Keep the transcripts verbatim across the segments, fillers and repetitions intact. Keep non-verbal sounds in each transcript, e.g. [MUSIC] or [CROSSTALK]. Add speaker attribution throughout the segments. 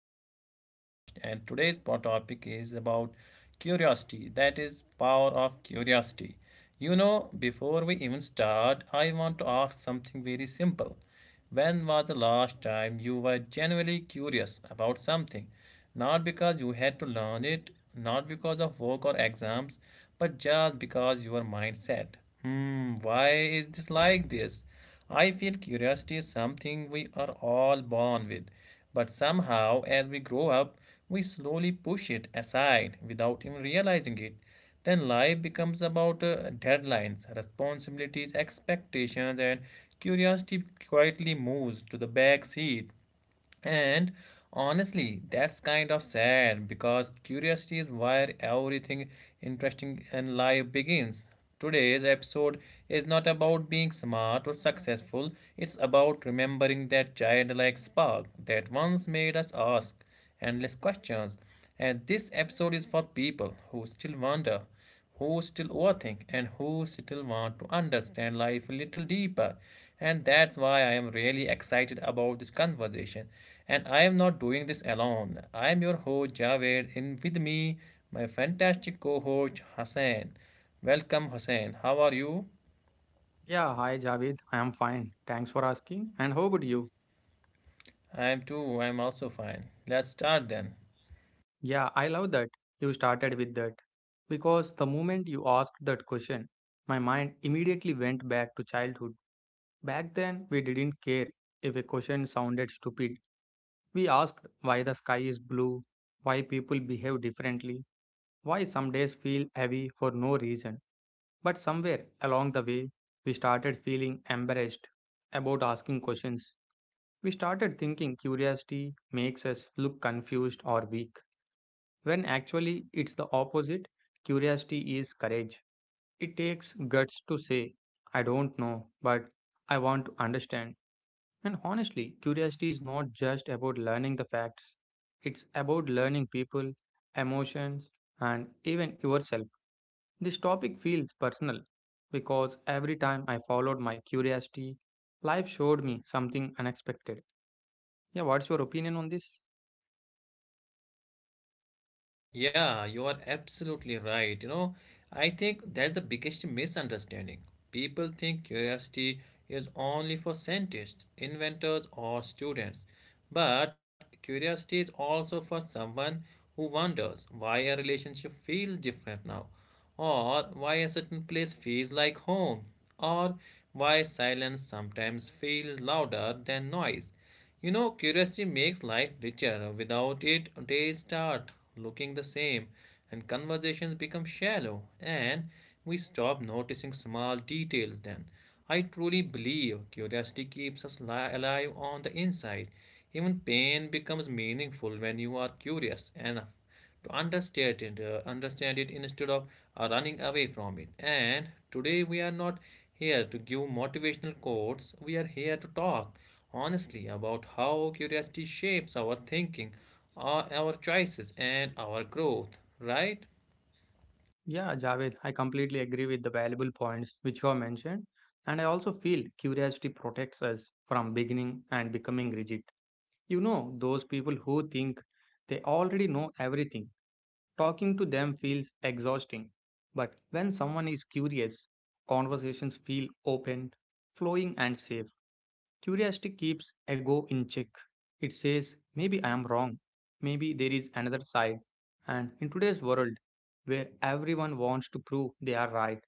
Speaker 1: to the podcast. And today's po- topic is about curiosity. That is power of curiosity. You know, before we even start, I want to ask something very simple. When was the last time you were genuinely curious about something? Not because you had to learn it, not because of work or exams, but just because your mind said, Hmm, why is this like this? I feel curiosity is something we are all born with, but somehow, as we grow up, we slowly push it aside without even realizing it. Then life becomes about uh, deadlines, responsibilities, expectations, and curiosity quietly moves to the back seat. And honestly, that's kind of sad because curiosity is where everything interesting in life begins. Today's episode is not about being smart or successful, it's about remembering that childlike spark that once made us ask endless questions. And this episode is for people who still wonder, who still overthink, and who still want to understand life a little deeper. And that's why I am really excited about this conversation. And I am not doing this alone. I am your host Javed, and with me, my fantastic co host Hassan. Welcome, Hassan. How are you?
Speaker 2: Yeah, hi Javed. I am fine. Thanks for asking. And how about you?
Speaker 1: I am too. I am also fine. Let's start then.
Speaker 2: Yeah, I love that you started with that because the moment you asked that question, my mind immediately went back to childhood. Back then, we didn't care if a question sounded stupid. We asked why the sky is blue, why people behave differently, why some days feel heavy for no reason. But somewhere along the way, we started feeling embarrassed about asking questions. We started thinking curiosity makes us look confused or weak, when actually it's the opposite. Curiosity is courage. It takes guts to say, I don't know, but I want to understand. And honestly, curiosity is not just about learning the facts, it's about learning people, emotions, and even yourself. This topic feels personal because every time I followed my curiosity, life showed me something unexpected. Yeah, what's your opinion on this?
Speaker 1: Yeah, you are absolutely right. You know, I think that's the biggest misunderstanding. People think curiosity is only for scientists, inventors, or students. But curiosity is also for someone who wonders why a relationship feels different now, or why a certain place feels like home, or why silence sometimes feels louder than noise. You know, curiosity makes life richer. Without it, days start looking the same, and conversations become shallow, and we stop noticing small details then. I truly believe curiosity keeps us li- alive on the inside. Even pain becomes meaningful when you are curious enough to understand it, uh, understand it instead of uh, running away from it. And today we are not here to give motivational quotes. We are here to talk honestly about how curiosity shapes our thinking, uh, our choices, and our growth. Right?
Speaker 2: Yeah, Javed, I completely agree with the valuable points which you have mentioned. And I also feel curiosity protects us from beginning and becoming rigid. You know, those people who think they already know everything, talking to them feels exhausting. But when someone is curious, conversations feel open, flowing, and safe. Curiosity keeps ego in check. It says, maybe I am wrong, maybe there is another side. And in today's world, where everyone wants to prove they are right,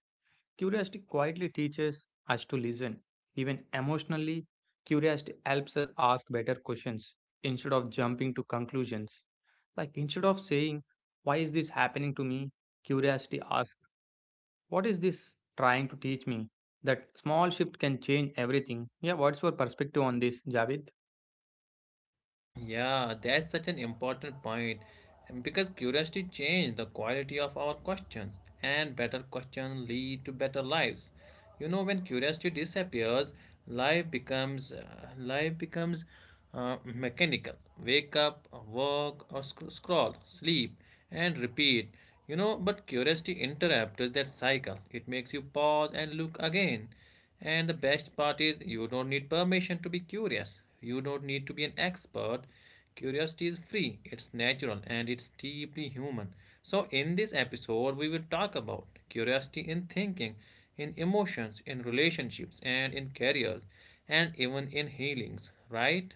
Speaker 2: curiosity quietly teaches us to listen. Even emotionally, curiosity helps us ask better questions instead of jumping to conclusions. Like instead of saying, why is this happening to me? Curiosity asks, what is this trying to teach me? That small shift can change everything. Yeah, what's your perspective on this, Javed?
Speaker 1: Yeah, that's such an important point and because curiosity changes the quality of our questions, and better questions lead to better lives. You know, when curiosity disappears, life becomes uh, life becomes uh, mechanical. Wake up, work, or sc- scroll, sleep, and repeat. You know, but curiosity interrupts that cycle. It makes you pause and look again. And the best part is you don't need permission to be curious. You don't need to be an expert. Curiosity is free, it's natural, and it's deeply human. So, in this episode, we will talk about curiosity in thinking, in emotions, in relationships, and in careers, and even in healings, right?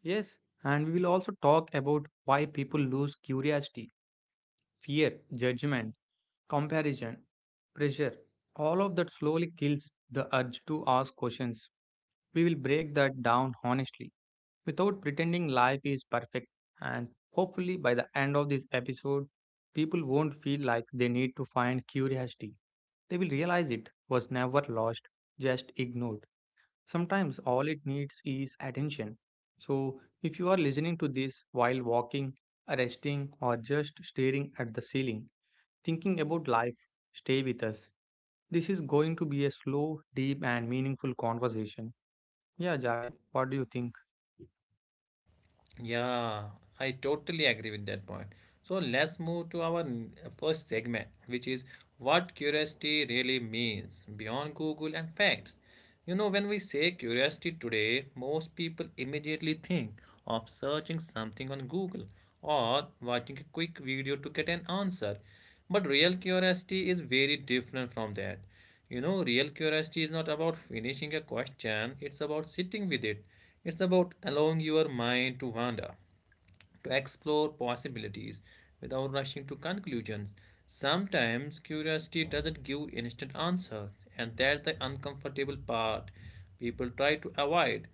Speaker 2: Yes, and we will also talk about why people lose curiosity, fear, judgment, comparison, pressure. All of that slowly kills the urge to ask questions. We will break that down honestly without pretending life is perfect. And hopefully, by the end of this episode, people won't feel like they need to find curiosity. They will realize it was never lost, just ignored. Sometimes all it needs is attention. So, if you are listening to this while walking, resting, or just staring at the ceiling, thinking about life, stay with us. This is going to be a slow, deep, and meaningful conversation. Yeah, Javed, what do you think?
Speaker 1: Yeah, I totally agree with that point. So let's move to our n- first segment, which is what curiosity really means beyond Google and facts. You know, when we say curiosity today, most people immediately think of searching something on Google or watching a quick video to get an answer. But real curiosity is very different from that. You know, real curiosity is not about finishing a question, it's about sitting with it. It's about allowing your mind to wander to explore possibilities without rushing to conclusions. Sometimes curiosity doesn't give instant answers, and that's the uncomfortable part people try to avoid.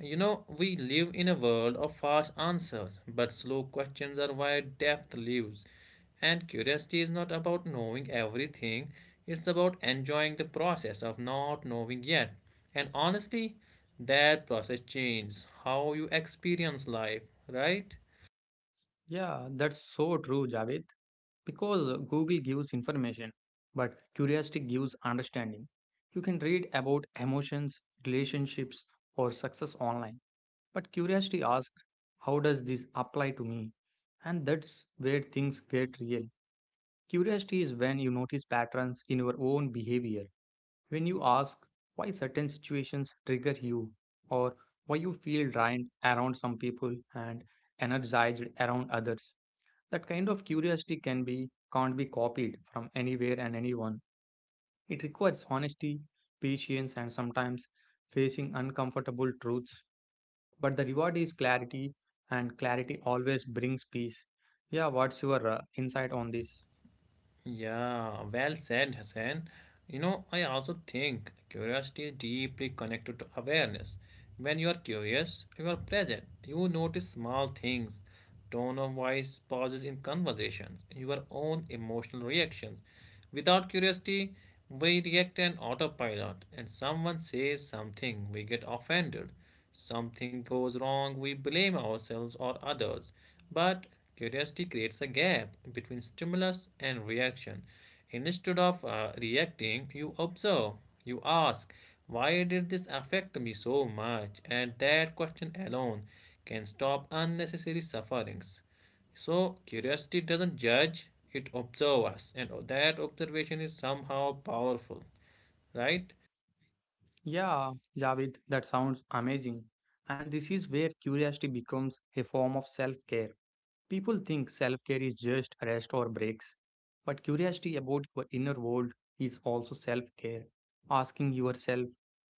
Speaker 1: You know, we live in a world of fast answers, but slow questions are where depth lives. And curiosity is not about knowing everything, it's about enjoying the process of not knowing yet. And honestly, that process changes how you experience life, right?
Speaker 2: Yeah, that's so true, Javed. Because Google gives information, but curiosity gives understanding. You can read about emotions, relationships, or success online, but curiosity asks, how does this apply to me? And that's where things get real. Curiosity is when you notice patterns in your own behavior. When you ask why certain situations trigger you, or why you feel drained around some people and energized around others, that kind of curiosity can be can't be copied from anywhere and anyone. It requires honesty, patience, and sometimes facing uncomfortable truths, but the reward is clarity, and clarity always brings peace. Yeah, what's your uh, insight on this?
Speaker 1: Yeah, well said, Hassan. You know, I also think curiosity is deeply connected to awareness. When you are curious, you are present. You notice small things, tone of voice, pauses in conversations, your own emotional reactions. Without curiosity, we react on autopilot, and someone says something, we get offended. Something goes wrong, we blame ourselves or others. But curiosity creates a gap between stimulus and reaction. Instead of uh, reacting, you observe, you ask, why did this affect me so much? And that question alone can stop unnecessary sufferings. So, curiosity doesn't judge, it observes us, and that observation is somehow powerful, right?
Speaker 2: Yeah, Javed, that sounds amazing. And this is where curiosity becomes a form of self care. People think self care is just rest or breaks, but curiosity about your inner world is also self care. Asking yourself,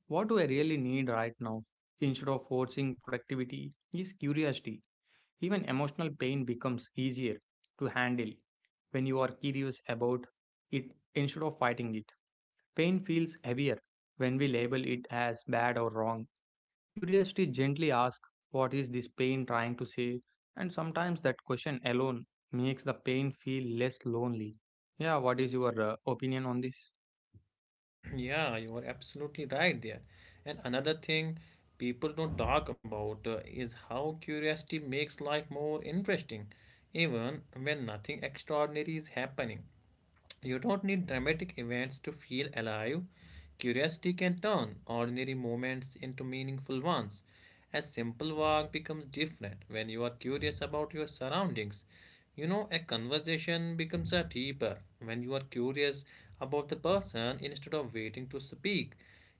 Speaker 2: what do I really need right now, instead of forcing productivity, is curiosity. Even emotional pain becomes easier to handle when you are curious about it instead of fighting it. Pain feels heavier when we label it as bad or wrong. Curiosity gently asks, what is this pain trying to say? And sometimes that question alone makes the pain feel less lonely. Yeah, what is your uh, opinion on this?
Speaker 1: Yeah, you are absolutely right there. And another thing people don't talk about uh, is how curiosity makes life more interesting, even when nothing extraordinary is happening. You don't need dramatic events to feel alive. Curiosity can turn ordinary moments into meaningful ones. A simple walk becomes different when you are curious about your surroundings. You know, a conversation becomes a deeper when you are curious about the person instead of waiting to speak.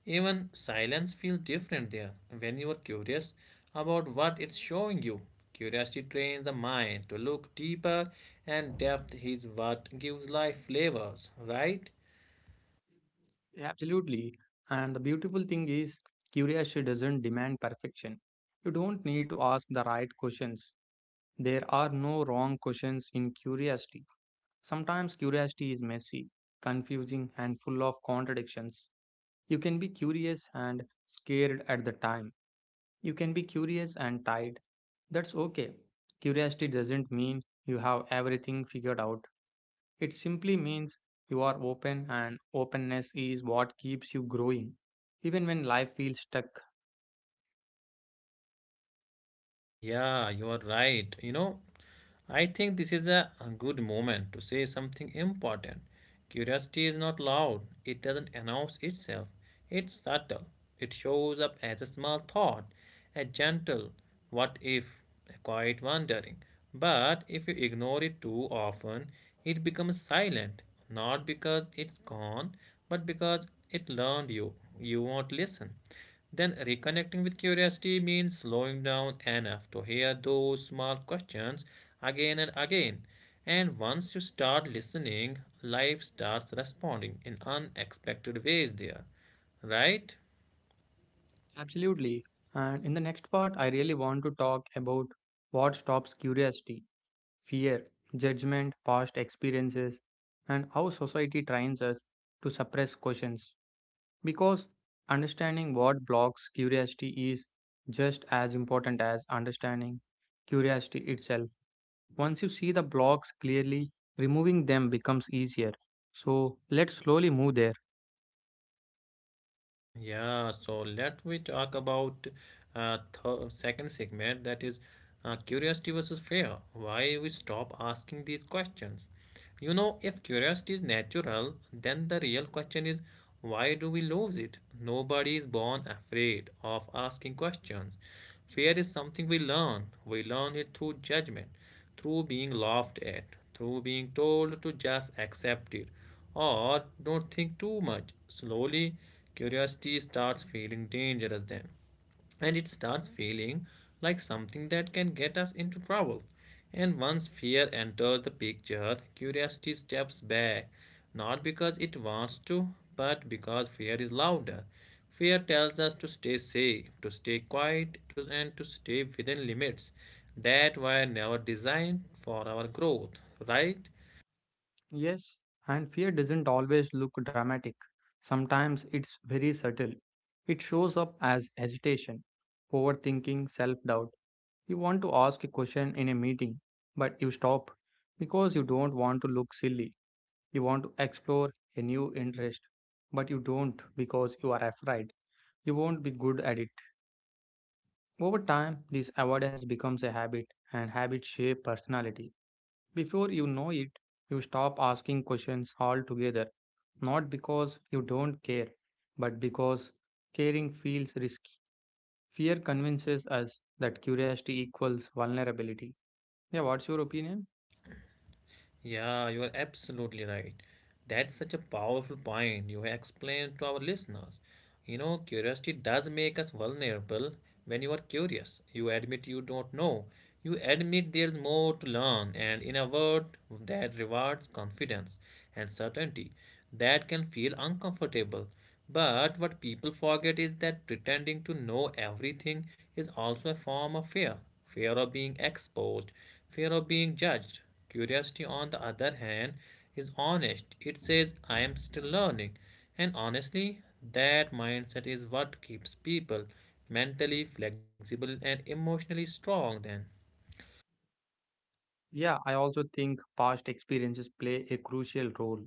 Speaker 1: Even silence feels different there when you are curious about what it's showing you. Curiosity trains the mind to look deeper, and depth is what gives life flavors, right?
Speaker 2: Yeah, absolutely. And the beautiful thing is, curiosity doesn't demand perfection. You don't need to ask the right questions. There are no wrong questions in curiosity. Sometimes curiosity is messy, confusing, and full of contradictions. You can be curious and scared at the time. You can be curious and tired. That's okay. Curiosity doesn't mean you have everything figured out. It simply means you are open, and openness is what keeps you growing, even when life feels stuck.
Speaker 1: Yeah, you are right. You know, I think this is a a good moment to say something important. Curiosity is not loud, it doesn't announce itself, it's subtle. It shows up as a small thought, a gentle what if, a quiet wondering. But if you ignore it too often, it becomes silent, not because it's gone, but because it learned you. You won't listen. Then reconnecting with curiosity means slowing down enough to hear those small questions again and again. And once you start listening, life starts responding in unexpected ways there, right?
Speaker 2: Absolutely. And in the next part, I really want to talk about what stops curiosity, fear, judgment, past experiences, and how society trains us to suppress questions. Because understanding what blocks curiosity is just as important as understanding curiosity itself. Once you see the blocks clearly, removing them becomes easier. So let's slowly move there.
Speaker 1: Yeah, so let we talk about uh, th second segment that is uh, curiosity versus fear. Why we stop asking these questions? You know, if curiosity is natural, then the real question is why do we lose it? Nobody is born afraid of asking questions. Fear is something we learn. We learn it through judgment through being laughed at, through being told to just accept it or don't think too much. Slowly, curiosity starts feeling dangerous then and it starts feeling like something that can get us into trouble. And once fear enters the picture, curiosity steps back, not because it wants to, but because fear is louder. Fear tells us to stay safe, to stay quiet, to, and to stay within limits that were never designed for our growth, right?
Speaker 2: Yes, and fear doesn't always look dramatic, sometimes it's very subtle. It shows up as hesitation, overthinking, self doubt. You want to ask a question in a meeting, but you stop because you don't want to look silly. You want to explore a new interest, but you don't because you are afraid you won't be good at it. Over time, this avoidance becomes a habit, and habits shape personality. Before you know it, you stop asking questions altogether, not because you don't care, but because caring feels risky. Fear convinces us that curiosity equals vulnerability. Yeah, what's your opinion?
Speaker 1: Yeah, you are absolutely right. That's such a powerful point you have explained to our listeners. You know, curiosity does make us vulnerable when you are curious. You admit you don't know. You admit there's more to learn, and in a world that rewards confidence and certainty, that can feel uncomfortable. But what people forget is that pretending to know everything is also a form of fear fear of being exposed, fear of being judged, Curiosity, on the other hand, is honest. It says, I am still learning. And honestly, that mindset is what keeps people mentally flexible and emotionally strong, then.
Speaker 2: Yeah, I also think past experiences play a crucial role.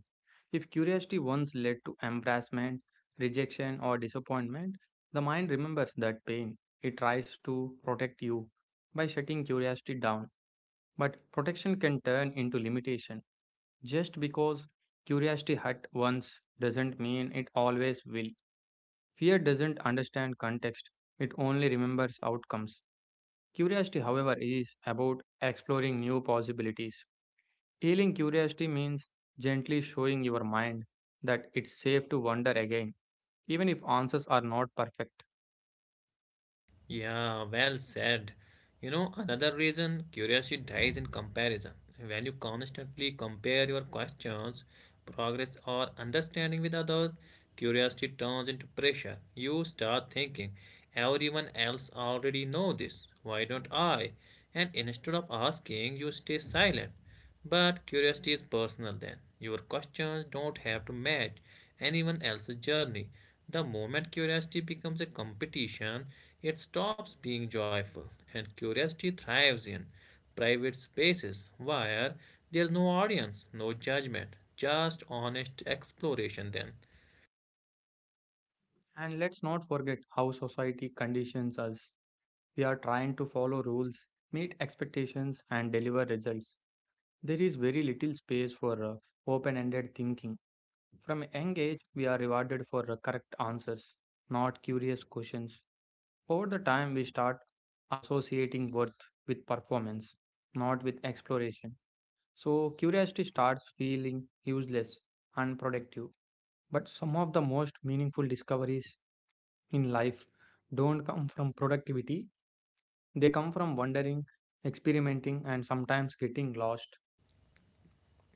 Speaker 2: If curiosity once led to embarrassment, rejection, or disappointment, the mind remembers that pain. It tries to protect you by shutting curiosity down. But protection can turn into limitation. Just because curiosity hurt once doesn't mean it always will. Fear doesn't understand context, it only remembers outcomes. Curiosity, however, is about exploring new possibilities. Healing curiosity means gently showing your mind that it's safe to wonder again, even if answers are not perfect.
Speaker 1: Yeah, well said. You know, another reason curiosity dies in comparison. When you constantly compare your questions, progress, or understanding with others, curiosity turns into pressure. You start thinking, everyone else already know this. Why don't I? And instead of asking, you stay silent. But curiosity is personal then. Your questions don't have to match anyone else's journey. The moment curiosity becomes a competition, it stops being joyful, and curiosity thrives in private spaces where there's no audience, no judgment, just honest exploration then.
Speaker 2: And let's not forget how society conditions us. We are trying to follow rules, meet expectations, and deliver results. There is very little space for uh, open ended thinking. From a young age, we are rewarded for uh, correct answers, not curious questions. Over the time, we start associating worth with performance, not with exploration. So curiosity starts feeling useless, unproductive. But some of the most meaningful discoveries in life don't come from productivity, they come from wondering, experimenting, and sometimes getting lost.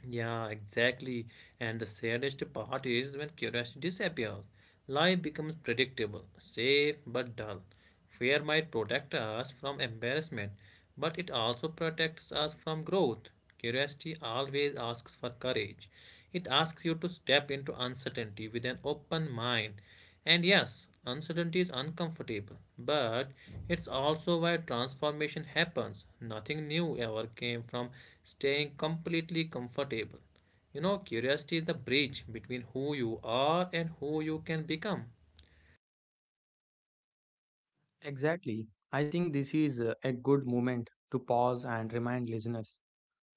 Speaker 1: Yeah, exactly. And the saddest part is when curiosity disappears. Life becomes predictable, safe but dull. Fear might protect us from embarrassment, but it also protects us from growth. Curiosity always asks for courage. It asks you to step into uncertainty with an open mind. And yes, uncertainty is uncomfortable, but it's also why transformation happens. Nothing new ever came from staying completely comfortable. You know, curiosity is the bridge between who you are and who you can become.
Speaker 2: Exactly. I think this is uh, a good moment to pause and remind listeners.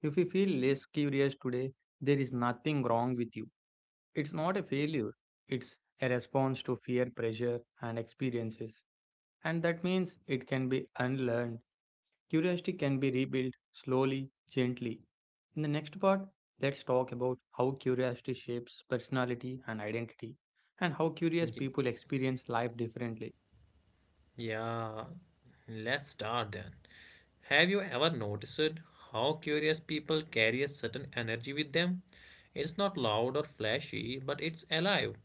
Speaker 2: If you feel less curious today, there is nothing wrong with you. It's not a failure, it's a response to fear, pressure, and experiences. And that means it can be unlearned. Curiosity can be rebuilt slowly, gently. In the next part, let's talk about how curiosity shapes personality and identity, and how curious
Speaker 1: Y-
Speaker 2: people experience life differently.
Speaker 1: Yeah, let's start then. Have you ever noticed how curious people carry a certain energy with them? It's not loud or flashy, but it's alive.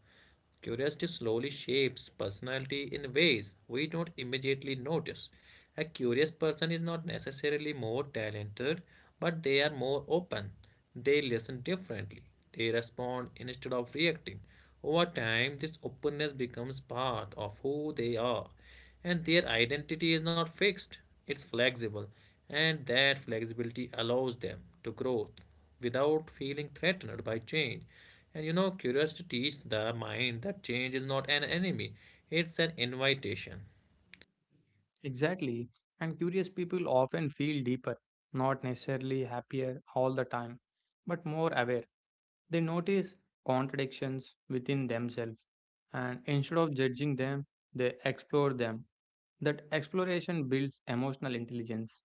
Speaker 1: Curiosity slowly shapes personality in ways we don't immediately notice. A curious person is not necessarily more talented, but they are more open. They listen differently. They respond instead of reacting. Over time, this openness becomes part of who they are, and their identity is not fixed, it's flexible, and that flexibility allows them to grow without feeling threatened by change. And you know, curiosity teaches the mind that change is not an enemy, it's an invitation.
Speaker 2: Exactly, and curious people often feel deeper, not necessarily happier all the time, but more aware. They notice contradictions within themselves, and instead of judging them, they explore them. That exploration builds emotional intelligence.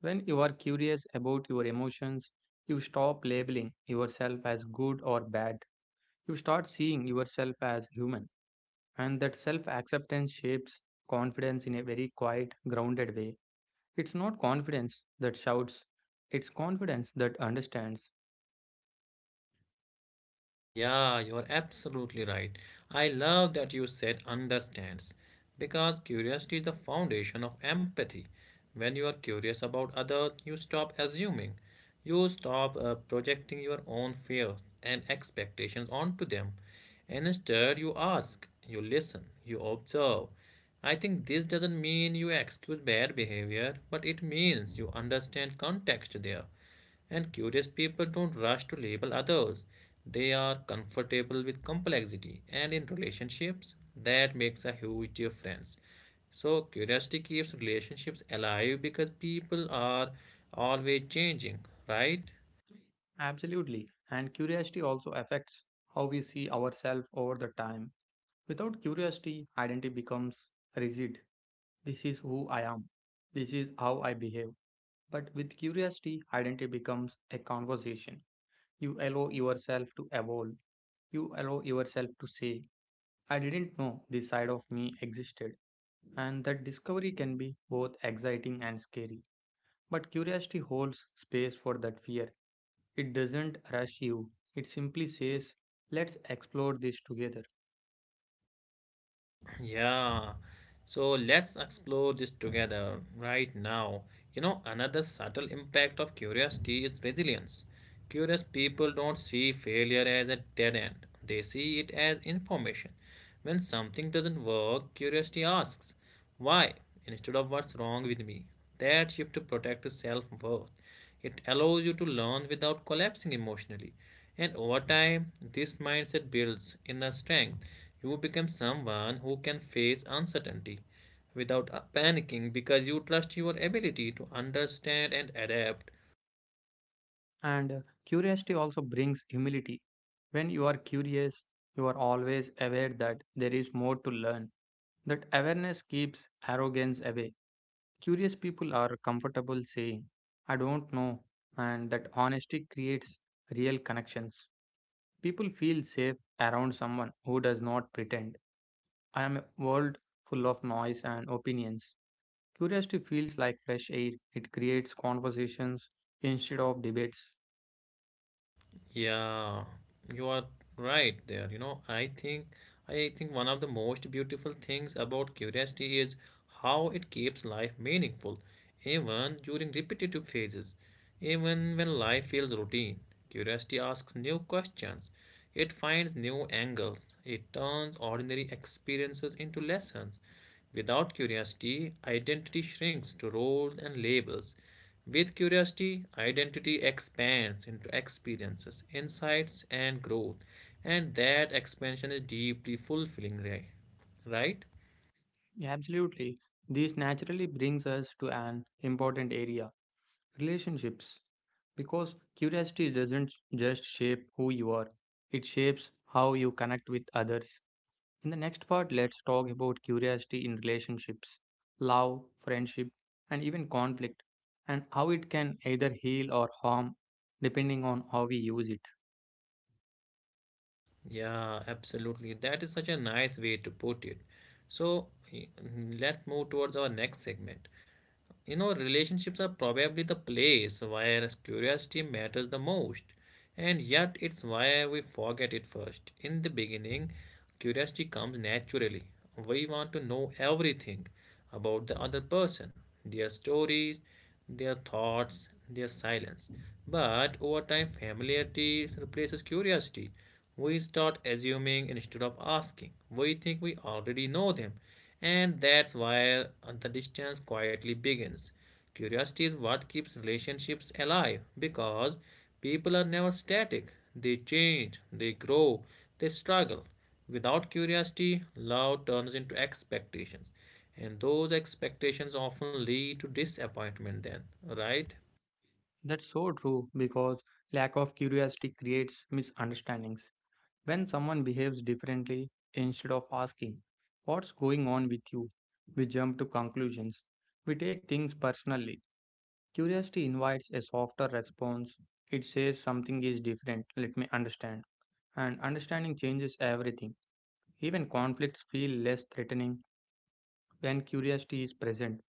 Speaker 2: When you are curious about your emotions, you stop labeling yourself as good or bad. You start seeing yourself as human, and that self acceptance shapes confidence in a very quiet, grounded way. It's not confidence that shouts, it's confidence that understands.
Speaker 1: Yeah, you're absolutely right. I love that you said understands because curiosity is the foundation of empathy. When you are curious about others, you stop assuming. You stop uh, projecting your own fears and expectations onto them. And instead, you ask, you listen, you observe. I think this doesn't mean you excuse bad behavior, but it means you understand context there. And curious people don't rush to label others. They are comfortable with complexity and in relationships that makes a huge difference. So curiosity keeps relationships alive because people are always changing, right?
Speaker 2: Absolutely, and curiosity also affects how we see ourselves over the time. Without curiosity, identity becomes rigid. This is who I am, this is how I behave. But with curiosity, identity becomes a conversation. You allow yourself to evolve. You allow yourself to say, I didn't know this side of me existed. And that discovery can be both exciting and scary. But curiosity holds space for that fear. It doesn't rush you, it simply says, let's explore this together.
Speaker 1: Yeah, so let's explore this together right now. You know, another subtle impact of curiosity is resilience. Curious people don't see failure as a dead end, they see it as information. When something doesn't work, curiosity asks, why? Instead of what's wrong with me. That shift protects self worth. It allows you to learn without collapsing emotionally. And over time, this mindset builds inner strength. You become someone who can face uncertainty without uh, panicking because you trust your ability to understand and adapt.
Speaker 2: And uh, curiosity also brings humility. When you are curious, you are always aware that there is more to learn. That awareness keeps arrogance away. Curious people are comfortable saying, I don't know, and that honesty creates real connections. People feel safe around someone who does not pretend. I am a world full of noise and opinions. Curiosity feels like fresh air, it creates conversations instead of debates.
Speaker 1: Yeah, you are right there. You know, I think I think one of the most beautiful things about curiosity is how it keeps life meaningful, even during repetitive phases, even when life feels routine. Curiosity asks new questions. It finds new angles. It turns ordinary experiences into lessons. Without curiosity, identity shrinks to roles and labels. With curiosity, identity expands into experiences, insights, and growth. And that expansion is deeply fulfilling, right? Right?
Speaker 2: Yeah, absolutely. This naturally brings us to an important area, relationships. Because curiosity doesn't just shape who you are, it shapes how you connect with others. In the next part, let's talk about curiosity in relationships, love, friendship, and even conflict, and how it can either heal or harm depending on how we use it.
Speaker 1: Yeah, absolutely. That is such a nice way to put it. So, let's move towards our next segment. You know, relationships are probably the place where curiosity matters the most, and yet it's where we forget it first. In the beginning, curiosity comes naturally. We want to know everything about the other person, their stories, their thoughts, their silence. But over time, familiarity replaces curiosity. We start assuming instead of asking. We think we already know them. And that's where the distance quietly begins. Curiosity is what keeps relationships alive because people are never static. They change, they grow, they struggle. Without curiosity, love turns into expectations. And those expectations often lead to disappointment, then, right?
Speaker 2: That's so true because lack of curiosity creates misunderstandings. When someone behaves differently, instead of asking, what's going on with you, we jump to conclusions. We take things personally. Curiosity invites a softer response. It says something is different, let me understand. And understanding changes everything. Even conflicts feel less threatening when curiosity is present.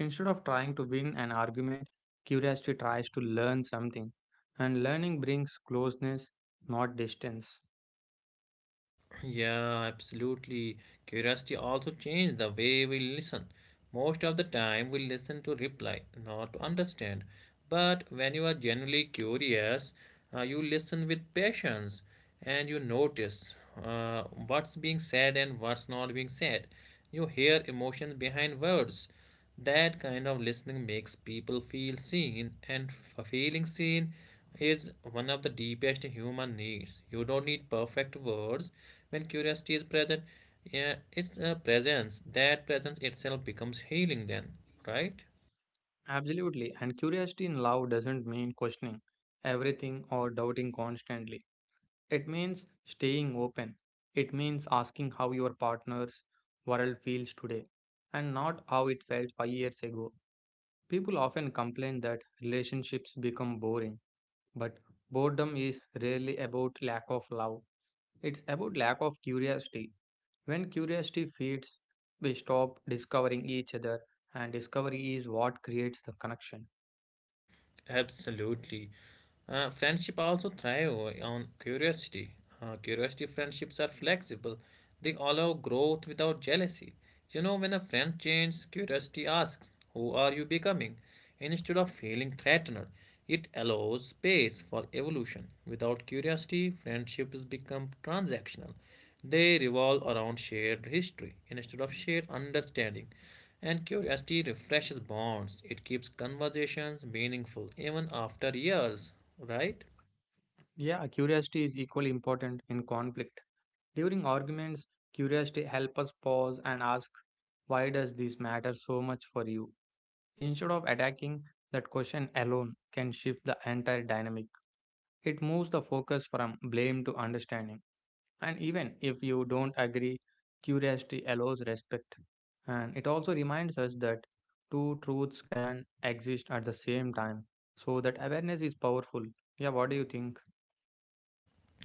Speaker 2: Instead of trying to win an argument, curiosity tries to learn something. And learning brings closeness, not distance.
Speaker 1: Yeah, absolutely. Curiosity also changed the way we listen. Most of the time, we listen to reply, not to understand. But when you are genuinely curious, uh, you listen with patience and you notice uh, what's being said and what's not being said. You hear emotions behind words. That kind of listening makes people feel seen, and f- feeling seen is one of the deepest human needs. You don't need perfect words when curiosity is present. Yeah, it's a presence. That presence itself becomes healing, then, right?
Speaker 2: Absolutely, and curiosity in love doesn't mean questioning everything or doubting constantly. It means staying open. It means asking how your partner's world feels today and not how it felt five years ago. People often complain that relationships become boring, but boredom is rarely about lack of love. It's about lack of curiosity. When curiosity feeds, we stop discovering each other, and discovery is what creates the connection.
Speaker 1: Absolutely. Uh, friendship also thrive on curiosity. Uh, curiosity friendships are flexible. They allow growth without jealousy. You know, when a friend changes, curiosity asks, who are you becoming? Instead of feeling threatened, it allows space for evolution. Without curiosity, friendships become transactional. They revolve around shared history instead of shared understanding. And curiosity refreshes bonds, it keeps conversations meaningful even after years, right?
Speaker 2: Yeah, curiosity is equally important in conflict. During arguments, curiosity helps us pause and ask, "Why does this matter so much for you?" Instead of attacking, that question alone can shift the entire dynamic. It moves the focus from blame to understanding. And even if you don't agree, curiosity allows respect. And it also reminds us that two truths can exist at the same time. So that awareness is powerful. Yeah, what do you think?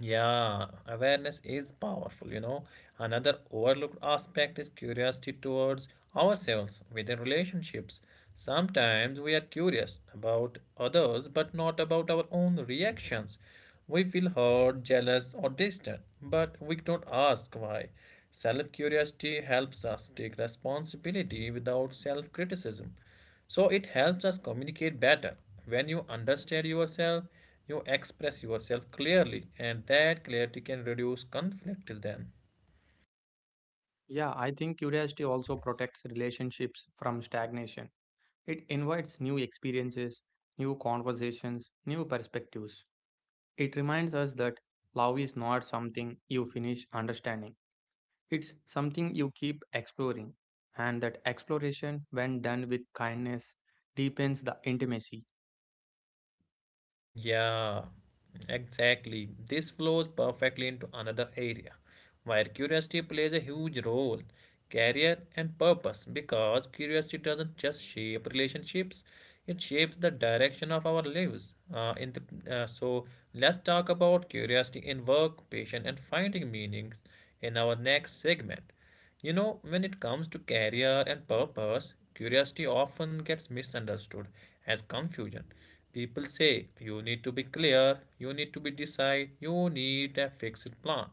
Speaker 1: Yeah, awareness is powerful, you know. Another overlooked aspect is curiosity towards ourselves within relationships. Sometimes we are curious about others but not about our own reactions. We feel hurt, jealous, or distant, but we don't ask why. Self curiosity helps us take responsibility without self criticism. So it helps us communicate better. When you understand yourself, you express yourself clearly, and that clarity can reduce conflict then.
Speaker 2: Yeah, I think curiosity also protects relationships from stagnation. It invites new experiences, new conversations, new perspectives. It reminds us that love is not something you finish understanding, it's something you keep exploring. And that exploration, when done with kindness, deepens the intimacy.
Speaker 1: Yeah, exactly. This flows perfectly into another area where curiosity plays a huge role career and purpose because curiosity doesn't just shape relationships, it shapes the direction of our lives. Uh, in the, uh, so, let's talk about curiosity in work, passion, and finding meaning in our next segment. You know, when it comes to career and purpose, curiosity often gets misunderstood as confusion. People say you need to be clear, you need to be decide, you need a fixed plan.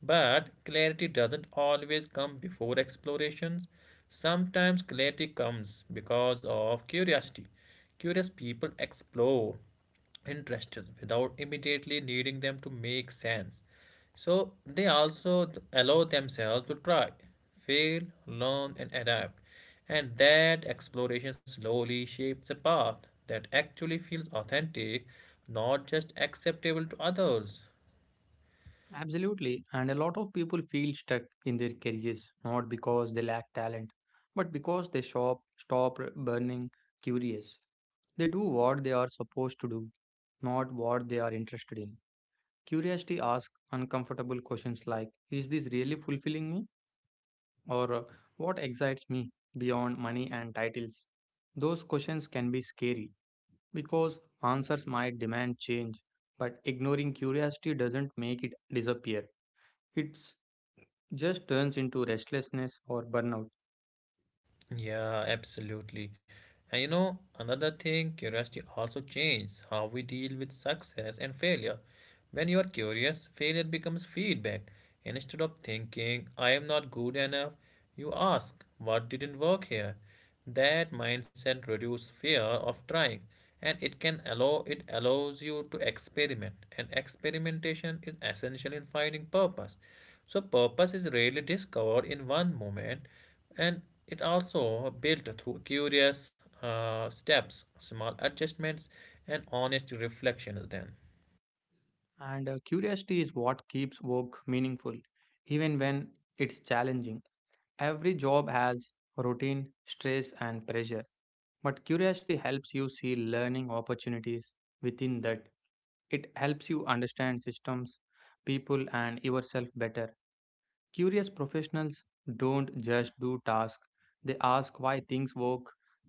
Speaker 1: But clarity doesn't always come before explorations. Sometimes clarity comes because of curiosity. Curious people explore interests without immediately needing them to make sense. So they also allow themselves to try, fail, learn, and adapt. And that exploration slowly shapes a path that actually feels authentic, not just acceptable to others.
Speaker 2: Absolutely, and a lot of people feel stuck in their careers not because they lack talent, but because they stop, stop burning curious. They do what they are supposed to do, not what they are interested in. Curiosity asks uncomfortable questions like, "Is this really fulfilling me?" or uh, "What excites me beyond money and titles?" Those questions can be scary because answers might demand change, but ignoring curiosity doesn't make it disappear. It just turns into restlessness or burnout.
Speaker 1: Yeah, absolutely. And you know, another thing, curiosity also changes how we deal with success and failure. When you are curious, failure becomes feedback. And instead of thinking, I am not good enough, you ask, what didn't work here? That mindset reduces fear of trying, and it can allow it allows you to experiment, and experimentation is essential in finding purpose. So purpose is rarely discovered in one moment, and it also built through curious uh, steps, small adjustments and honest reflections then.
Speaker 2: And uh, Curiosity is what keeps work meaningful, even when it's challenging. Every job has routine, stress, and pressure, but curiosity helps you see learning opportunities within that. It helps you understand systems, people, and yourself better. Curious professionals don't just do tasks, they ask why things work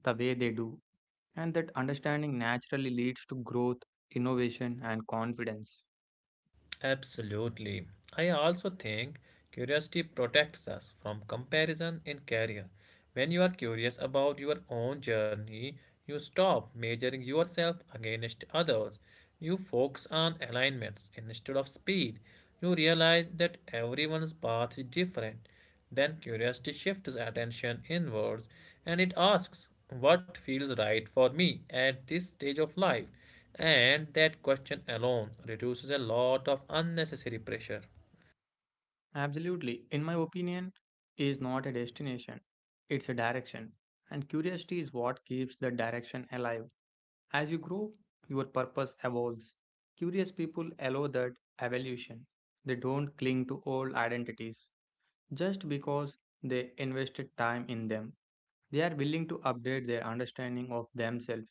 Speaker 2: the way they do, and that understanding naturally leads to growth, innovation, and confidence.
Speaker 1: Absolutely. I also think curiosity protects us from comparison in career. When you are curious about your own journey, you stop measuring yourself against others. You focus on alignments instead of speed. You realize that everyone's path is different, then curiosity shifts attention inwards and it asks, what feels right for me at this stage of life? And that question alone reduces a lot of unnecessary pressure.
Speaker 2: Absolutely. In my opinion, is not a destination. It's a direction. And curiosity is what keeps the direction alive. As you grow, your purpose evolves. Curious people allow that evolution. They don't cling to old identities just because they invested time in them. They are willing to update their understanding of themselves.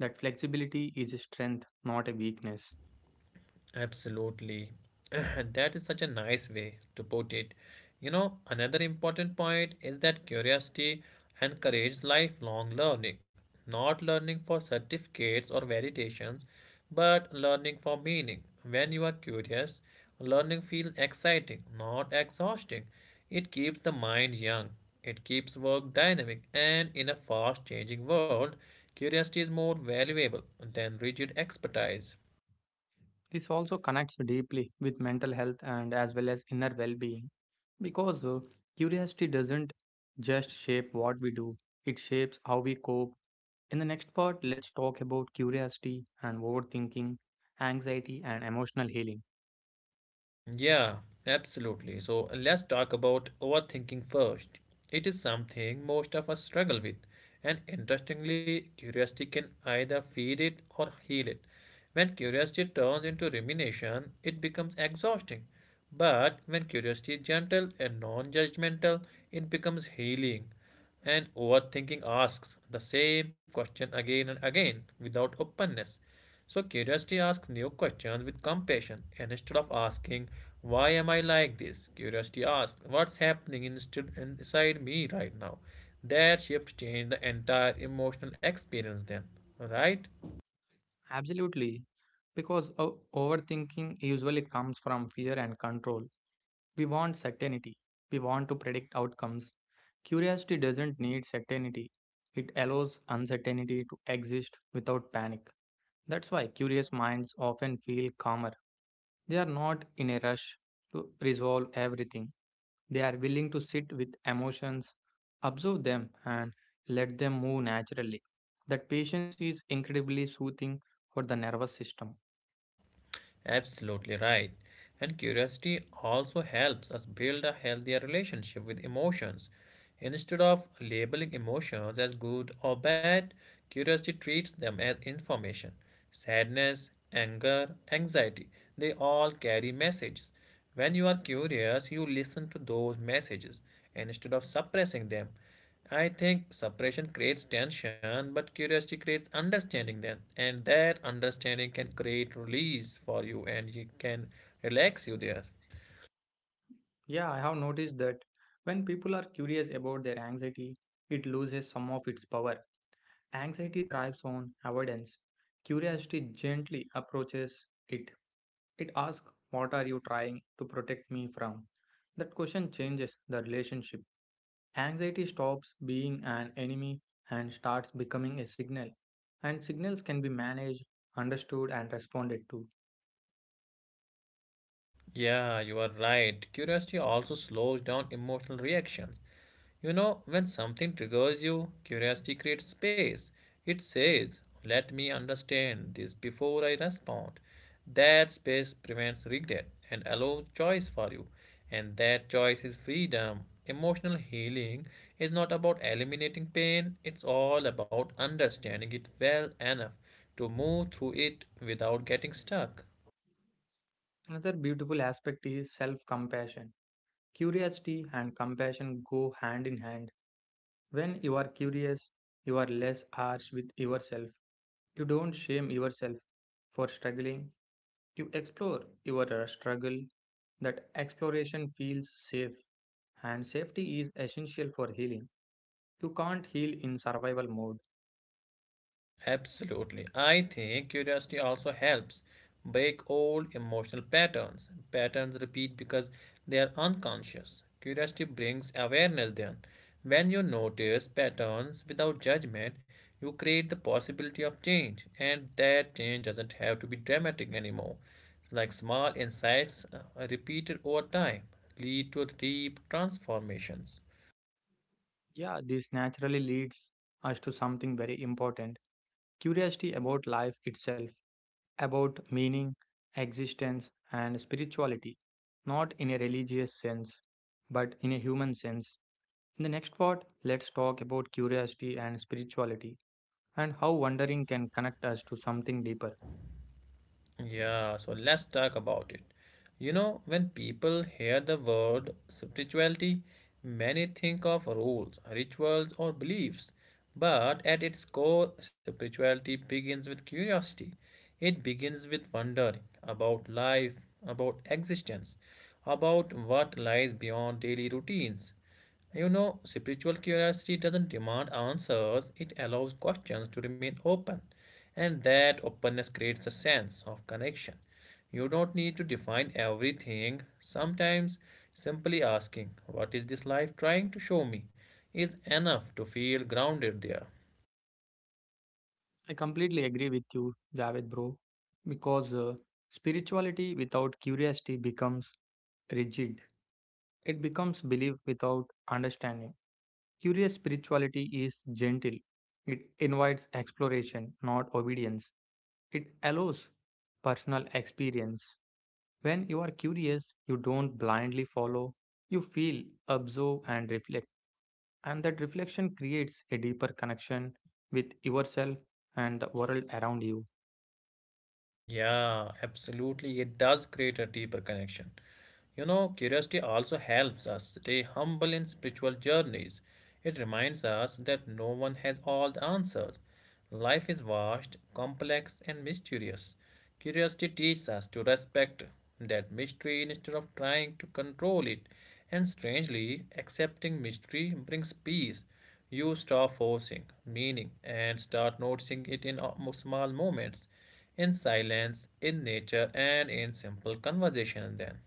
Speaker 2: That flexibility is a strength, not a weakness.
Speaker 1: Absolutely. [CLEARS THROAT] That is such a nice way to put it. You know, another important point is that curiosity encourages lifelong learning, not learning for certificates or validations, but learning for meaning. When you are curious, learning feels exciting, not exhausting. It keeps the mind young, it keeps work dynamic, and in a fast changing world, curiosity is more valuable than rigid expertise.
Speaker 2: This also connects deeply with mental health and as well as inner well being. Because uh, curiosity doesn't just shape what we do, it shapes how we cope. In the next part, let's talk about curiosity and overthinking, anxiety, and emotional healing.
Speaker 1: Yeah, absolutely. So let's talk about overthinking first. It is something most of us struggle with, and interestingly, curiosity can either feed it or heal it. When curiosity turns into rumination, it becomes exhausting. But when curiosity is gentle and non judgmental, it becomes healing. And overthinking asks the same question again and again without openness. So curiosity asks new questions with compassion. And instead of asking, why am I like this? Curiosity asks, what's happening instead inside me right now? That shift changed the entire emotional experience then. Right?
Speaker 2: Absolutely, because o- overthinking usually comes from fear and control. We want certainty, we want to predict outcomes. Curiosity doesn't need certainty, it allows uncertainty to exist without panic. That's why curious minds often feel calmer. They are not in a rush to resolve everything. They are willing to sit with emotions, observe them, and let them move naturally. That patience is incredibly soothing for the nervous system.
Speaker 1: Absolutely right. And curiosity also helps us build a healthier relationship with emotions. Instead of labeling emotions as good or bad, curiosity treats them as information. Sadness, anger, anxiety, they all carry messages. When you are curious, you listen to those messages instead of suppressing them. I think suppression creates tension, but curiosity creates understanding then. And that understanding can create release for you and it can relax you there.
Speaker 2: Yeah, I have noticed that when people are curious about their anxiety, it loses some of its power. Anxiety thrives on avoidance. Curiosity gently approaches it. It asks, "What are you trying to protect me from?" That question changes the relationship. Anxiety stops being an enemy and starts becoming a signal, and signals can be managed, understood, and responded to.
Speaker 1: Yeah, you are right. Curiosity also slows down emotional reactions. You know, when something triggers you, curiosity creates space. It says, let me understand this before I respond. That space prevents regret and allows choice for you. And that choice is freedom. Emotional healing is not about eliminating pain, it's all about understanding it well enough to move through it without getting stuck.
Speaker 2: Another beautiful aspect is self compassion. Curiosity and compassion go hand in hand. When you are curious, you are less harsh with yourself. You don't shame yourself for struggling. You explore your uh, struggle. That exploration feels safe, and safety is essential for healing. You can't heal in survival mode.
Speaker 1: Absolutely. I think curiosity also helps break old emotional patterns. Patterns repeat because they are unconscious. Curiosity brings awareness then. When you notice patterns without judgment, you create the possibility of change, and that change doesn't have to be dramatic anymore. Like small insights uh, repeated over time lead to deep transformations.
Speaker 2: Yeah, this naturally leads us to something very important: curiosity about life itself, about meaning, existence, and spirituality. Not in a religious sense, but in a human sense. In the next part, let's talk about curiosity and spirituality and how wondering can connect us to something deeper.
Speaker 1: Yeah, so let's talk about it. You know, when people hear the word spirituality, many think of rules, rituals, or beliefs. But at its core, spirituality begins with curiosity. It begins with wondering about life, about existence, about what lies beyond daily routines. You know, spiritual curiosity doesn't demand answers, it allows questions to remain open, and that openness creates a sense of connection. You don't need to define everything. Sometimes simply asking, what is this life trying to show me? Is enough to feel grounded there.
Speaker 2: I completely agree with you, Javed, bro, because uh, spirituality without curiosity becomes rigid. It becomes belief without understanding. Curious spirituality is gentle. It invites exploration, not obedience. It allows personal experience. When you are curious, you don't blindly follow. You feel, observe, and reflect. And that reflection creates a deeper connection with yourself and the world around you.
Speaker 1: Yeah, absolutely. It does create a deeper connection. You know, curiosity also helps us stay humble in spiritual journeys. It reminds us that no one has all the answers. Life is vast, complex, and mysterious. Curiosity teaches us to respect that mystery instead of trying to control it. And strangely, accepting mystery brings peace, you stop forcing meaning and start noticing it in small moments, in silence, in nature, and in simple conversation. Then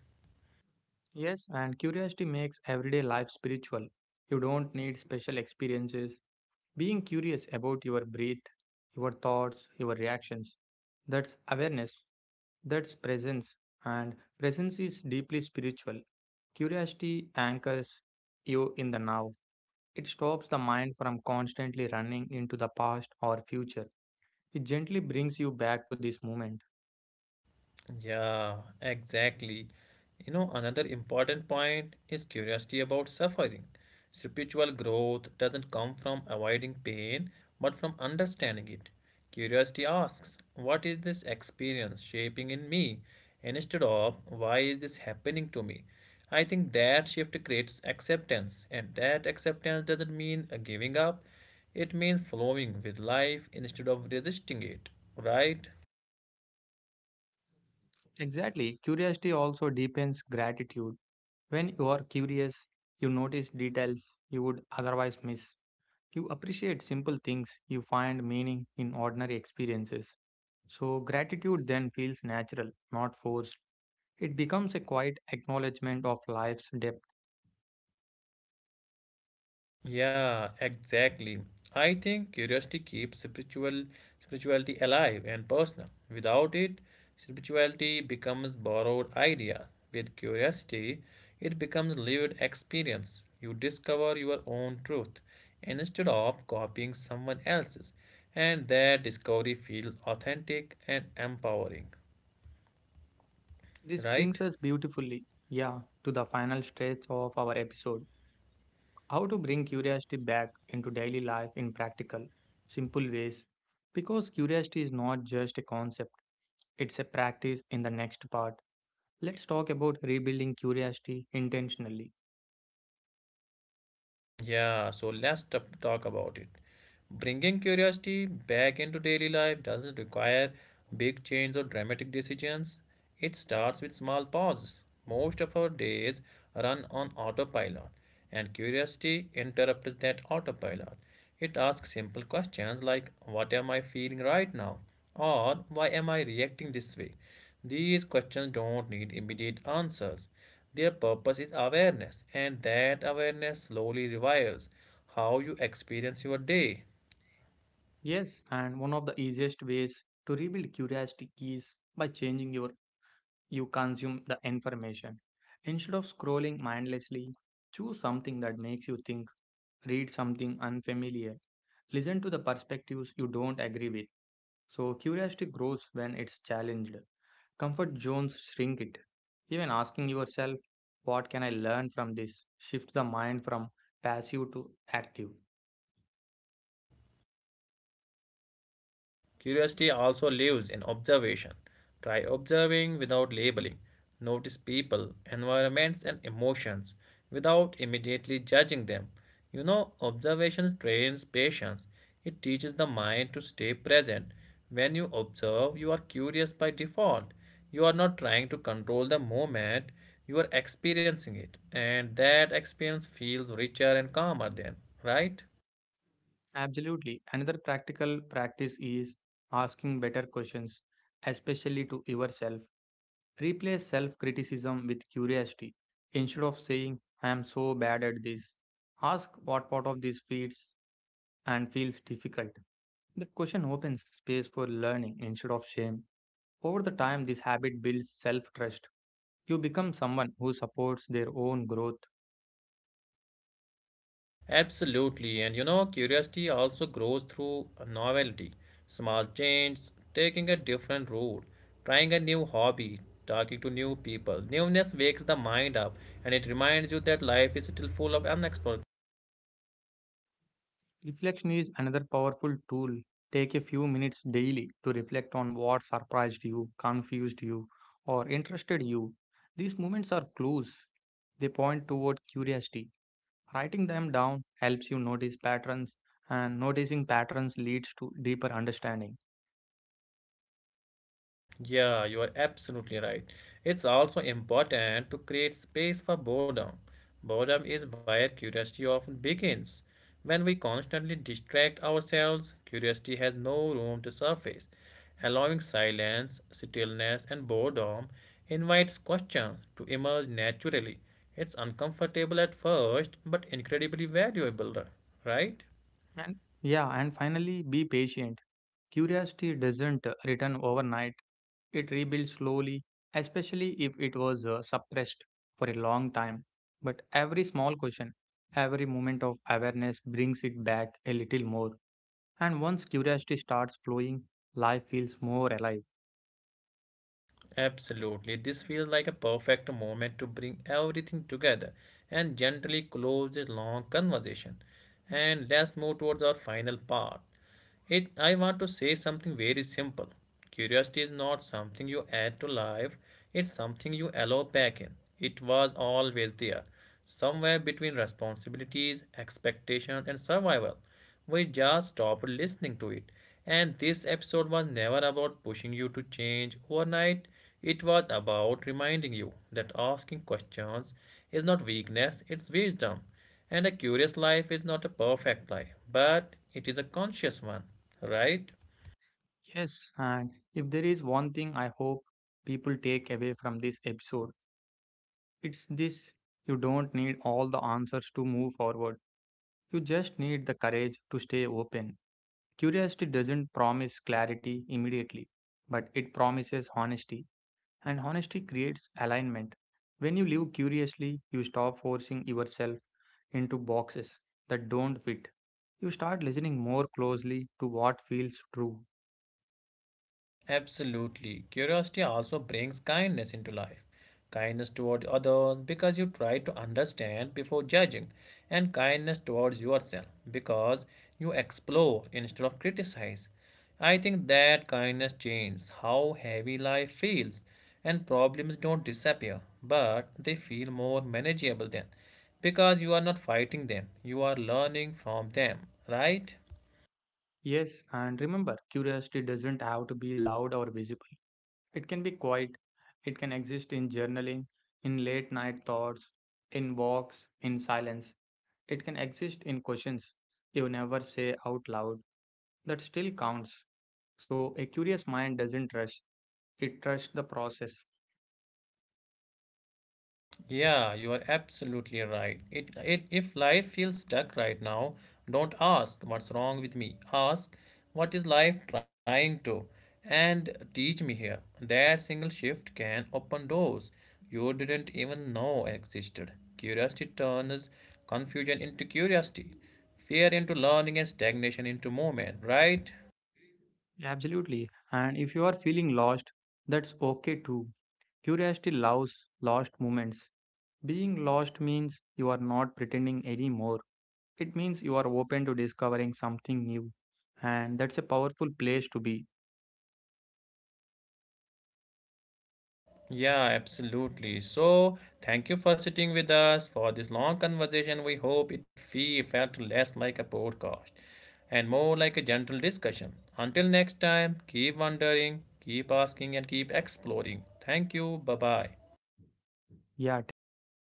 Speaker 2: Yes, and curiosity makes everyday life spiritual. You don't need special experiences. Being curious about your breath, your thoughts, your reactions, that's awareness, that's presence, and presence is deeply spiritual. Curiosity anchors you in the now. It stops the mind from constantly running into the past or future. It gently brings you back to this moment.
Speaker 1: yeah, exactly. You know, another important point is curiosity about suffering. Spiritual growth doesn't come from avoiding pain, but from understanding it. Curiosity asks, what is this experience shaping in me? Instead of, why is this happening to me? I think that shift creates acceptance, and that acceptance doesn't mean uh, giving up, it means flowing with life instead of resisting it, right?
Speaker 2: Exactly, curiosity also deepens gratitude. When you are curious, you notice details you would otherwise miss. You appreciate simple things, you find meaning in ordinary experiences. So, gratitude then feels natural, not forced. It becomes a quiet acknowledgement of life's depth.
Speaker 1: Yeah, exactly. I think curiosity keeps spiritual spirituality alive and personal. Without it, spirituality becomes borrowed ideas. With curiosity, it becomes lived experience. You discover your own truth instead of copying someone else's, and that discovery feels authentic and empowering,
Speaker 2: This
Speaker 1: right?
Speaker 2: brings us beautifully, yeah, to the final stretch of our episode. How to bring curiosity back into daily life in practical, simple ways. Because curiosity is not just a concept, it's a practice in the next part. Let's talk about rebuilding curiosity intentionally.
Speaker 1: Yeah, so let's t- talk about it. Bringing curiosity back into daily life doesn't require big change or dramatic decisions. It starts with small pauses. Most of our days run on autopilot, and curiosity interrupts that autopilot. It asks simple questions like, what am I feeling right now? Or why am I reacting this way? These questions don't need immediate answers. Their purpose is awareness, and that awareness slowly rewires how you experience your day.
Speaker 2: Yes, and one of the easiest ways to rebuild curiosity is by changing your you consume the information. Instead of scrolling mindlessly, choose something that makes you think, read something unfamiliar, listen to the perspectives you don't agree with. So curiosity grows when it's challenged. Comfort zones shrink it. Even asking yourself, "What can I learn from this?" Shift the mind from passive to active.
Speaker 1: Curiosity also lives in observation. Try observing without labeling. Notice people, environments, and emotions without immediately judging them. You know, observation trains patience. It teaches the mind to stay present. When you observe, you are curious by default. You are not trying to control the moment, you are experiencing it. And that experience feels richer and calmer then, right?
Speaker 2: Absolutely. Another practical practice is asking better questions, especially to yourself. Replace self criticism with curiosity. Instead of saying, "I am so bad at this," ask what part of this feels and feels difficult. That question opens space for learning instead of shame. Over the time, this habit builds self trust. You become someone who supports their own growth.
Speaker 1: Absolutely, and you know, curiosity also grows through novelty, small changes, taking a different route, trying a new hobby, talking to new people. Newness wakes the mind up and it reminds you that life is still full of unexplored.
Speaker 2: Reflection is another powerful tool. Take a few minutes daily to reflect on what surprised you, confused you, or interested you. These moments are clues. They point toward curiosity. Writing them down helps you notice patterns, and noticing patterns leads to deeper understanding.
Speaker 1: Yeah, you are absolutely right. It's also important to create space for boredom. Boredom is where curiosity often begins. When we constantly distract ourselves, curiosity has no room to surface. Allowing silence, stillness, and boredom invites questions to emerge naturally. It's uncomfortable at first, but incredibly valuable, right?
Speaker 2: And yeah, and finally, be patient. Curiosity doesn't return overnight. It rebuilds slowly, especially if it was uh, suppressed for a long time. But every small question, every moment of awareness brings it back a little more. And once curiosity starts flowing, life feels more alive.
Speaker 1: Absolutely. This feels like a perfect moment to bring everything together and gently close this long conversation. And let's move towards our final part, it, I want to say something very simple. Curiosity is not something you add to life, it's something you allow back in. It was always there, somewhere between responsibilities, expectations, and survival. We just stopped listening to it. And this episode was never about pushing you to change overnight. It was about reminding you that asking questions is not weakness, it's wisdom. And a curious life is not a perfect life, but it is a conscious one, right?
Speaker 2: Yes, and if there is one thing I hope people take away from this episode, it's this: you don't need all the answers to move forward. You just need the courage to stay open. Curiosity doesn't promise clarity immediately, but it promises honesty, and honesty creates alignment. When you live curiously, you stop forcing yourself into boxes that don't fit. You start listening more closely to what feels true.
Speaker 1: Absolutely. Curiosity also brings kindness into life. Kindness toward others because you try to understand before judging, and kindness towards yourself because you explore instead of criticize. I think that kindness changes how heavy life feels, and problems don't disappear, but they feel more manageable then because you are not fighting them, you are learning from them, right?
Speaker 2: Yes, and remember, curiosity doesn't have to be loud or visible. It can be quiet, it can exist in journaling, in late night thoughts, in walks, in silence. It can exist in questions you never say out loud. That still counts. So, a curious mind doesn't rush, it trusts the process.
Speaker 1: Yeah, you are absolutely right. It, it if life feels stuck right now, don't ask what's wrong with me. Ask what is life trying to and teach me here. That single shift can open doors you didn't even know existed. Curiosity turns confusion into curiosity, fear into learning and stagnation into movement, right?
Speaker 2: Absolutely. And if you are feeling lost, that's okay too. Curiosity loves lost moments. Being lost means you are not pretending anymore. It means you are open to discovering something new. And that's a powerful place to be.
Speaker 1: Yeah, absolutely. So, thank you for sitting with us for this long conversation. We hope it fe- felt less like a podcast and more like a gentle discussion. Until next time, keep wondering, keep asking, and keep exploring. Thank you. Bye bye.
Speaker 2: Yeah, thank you for listening.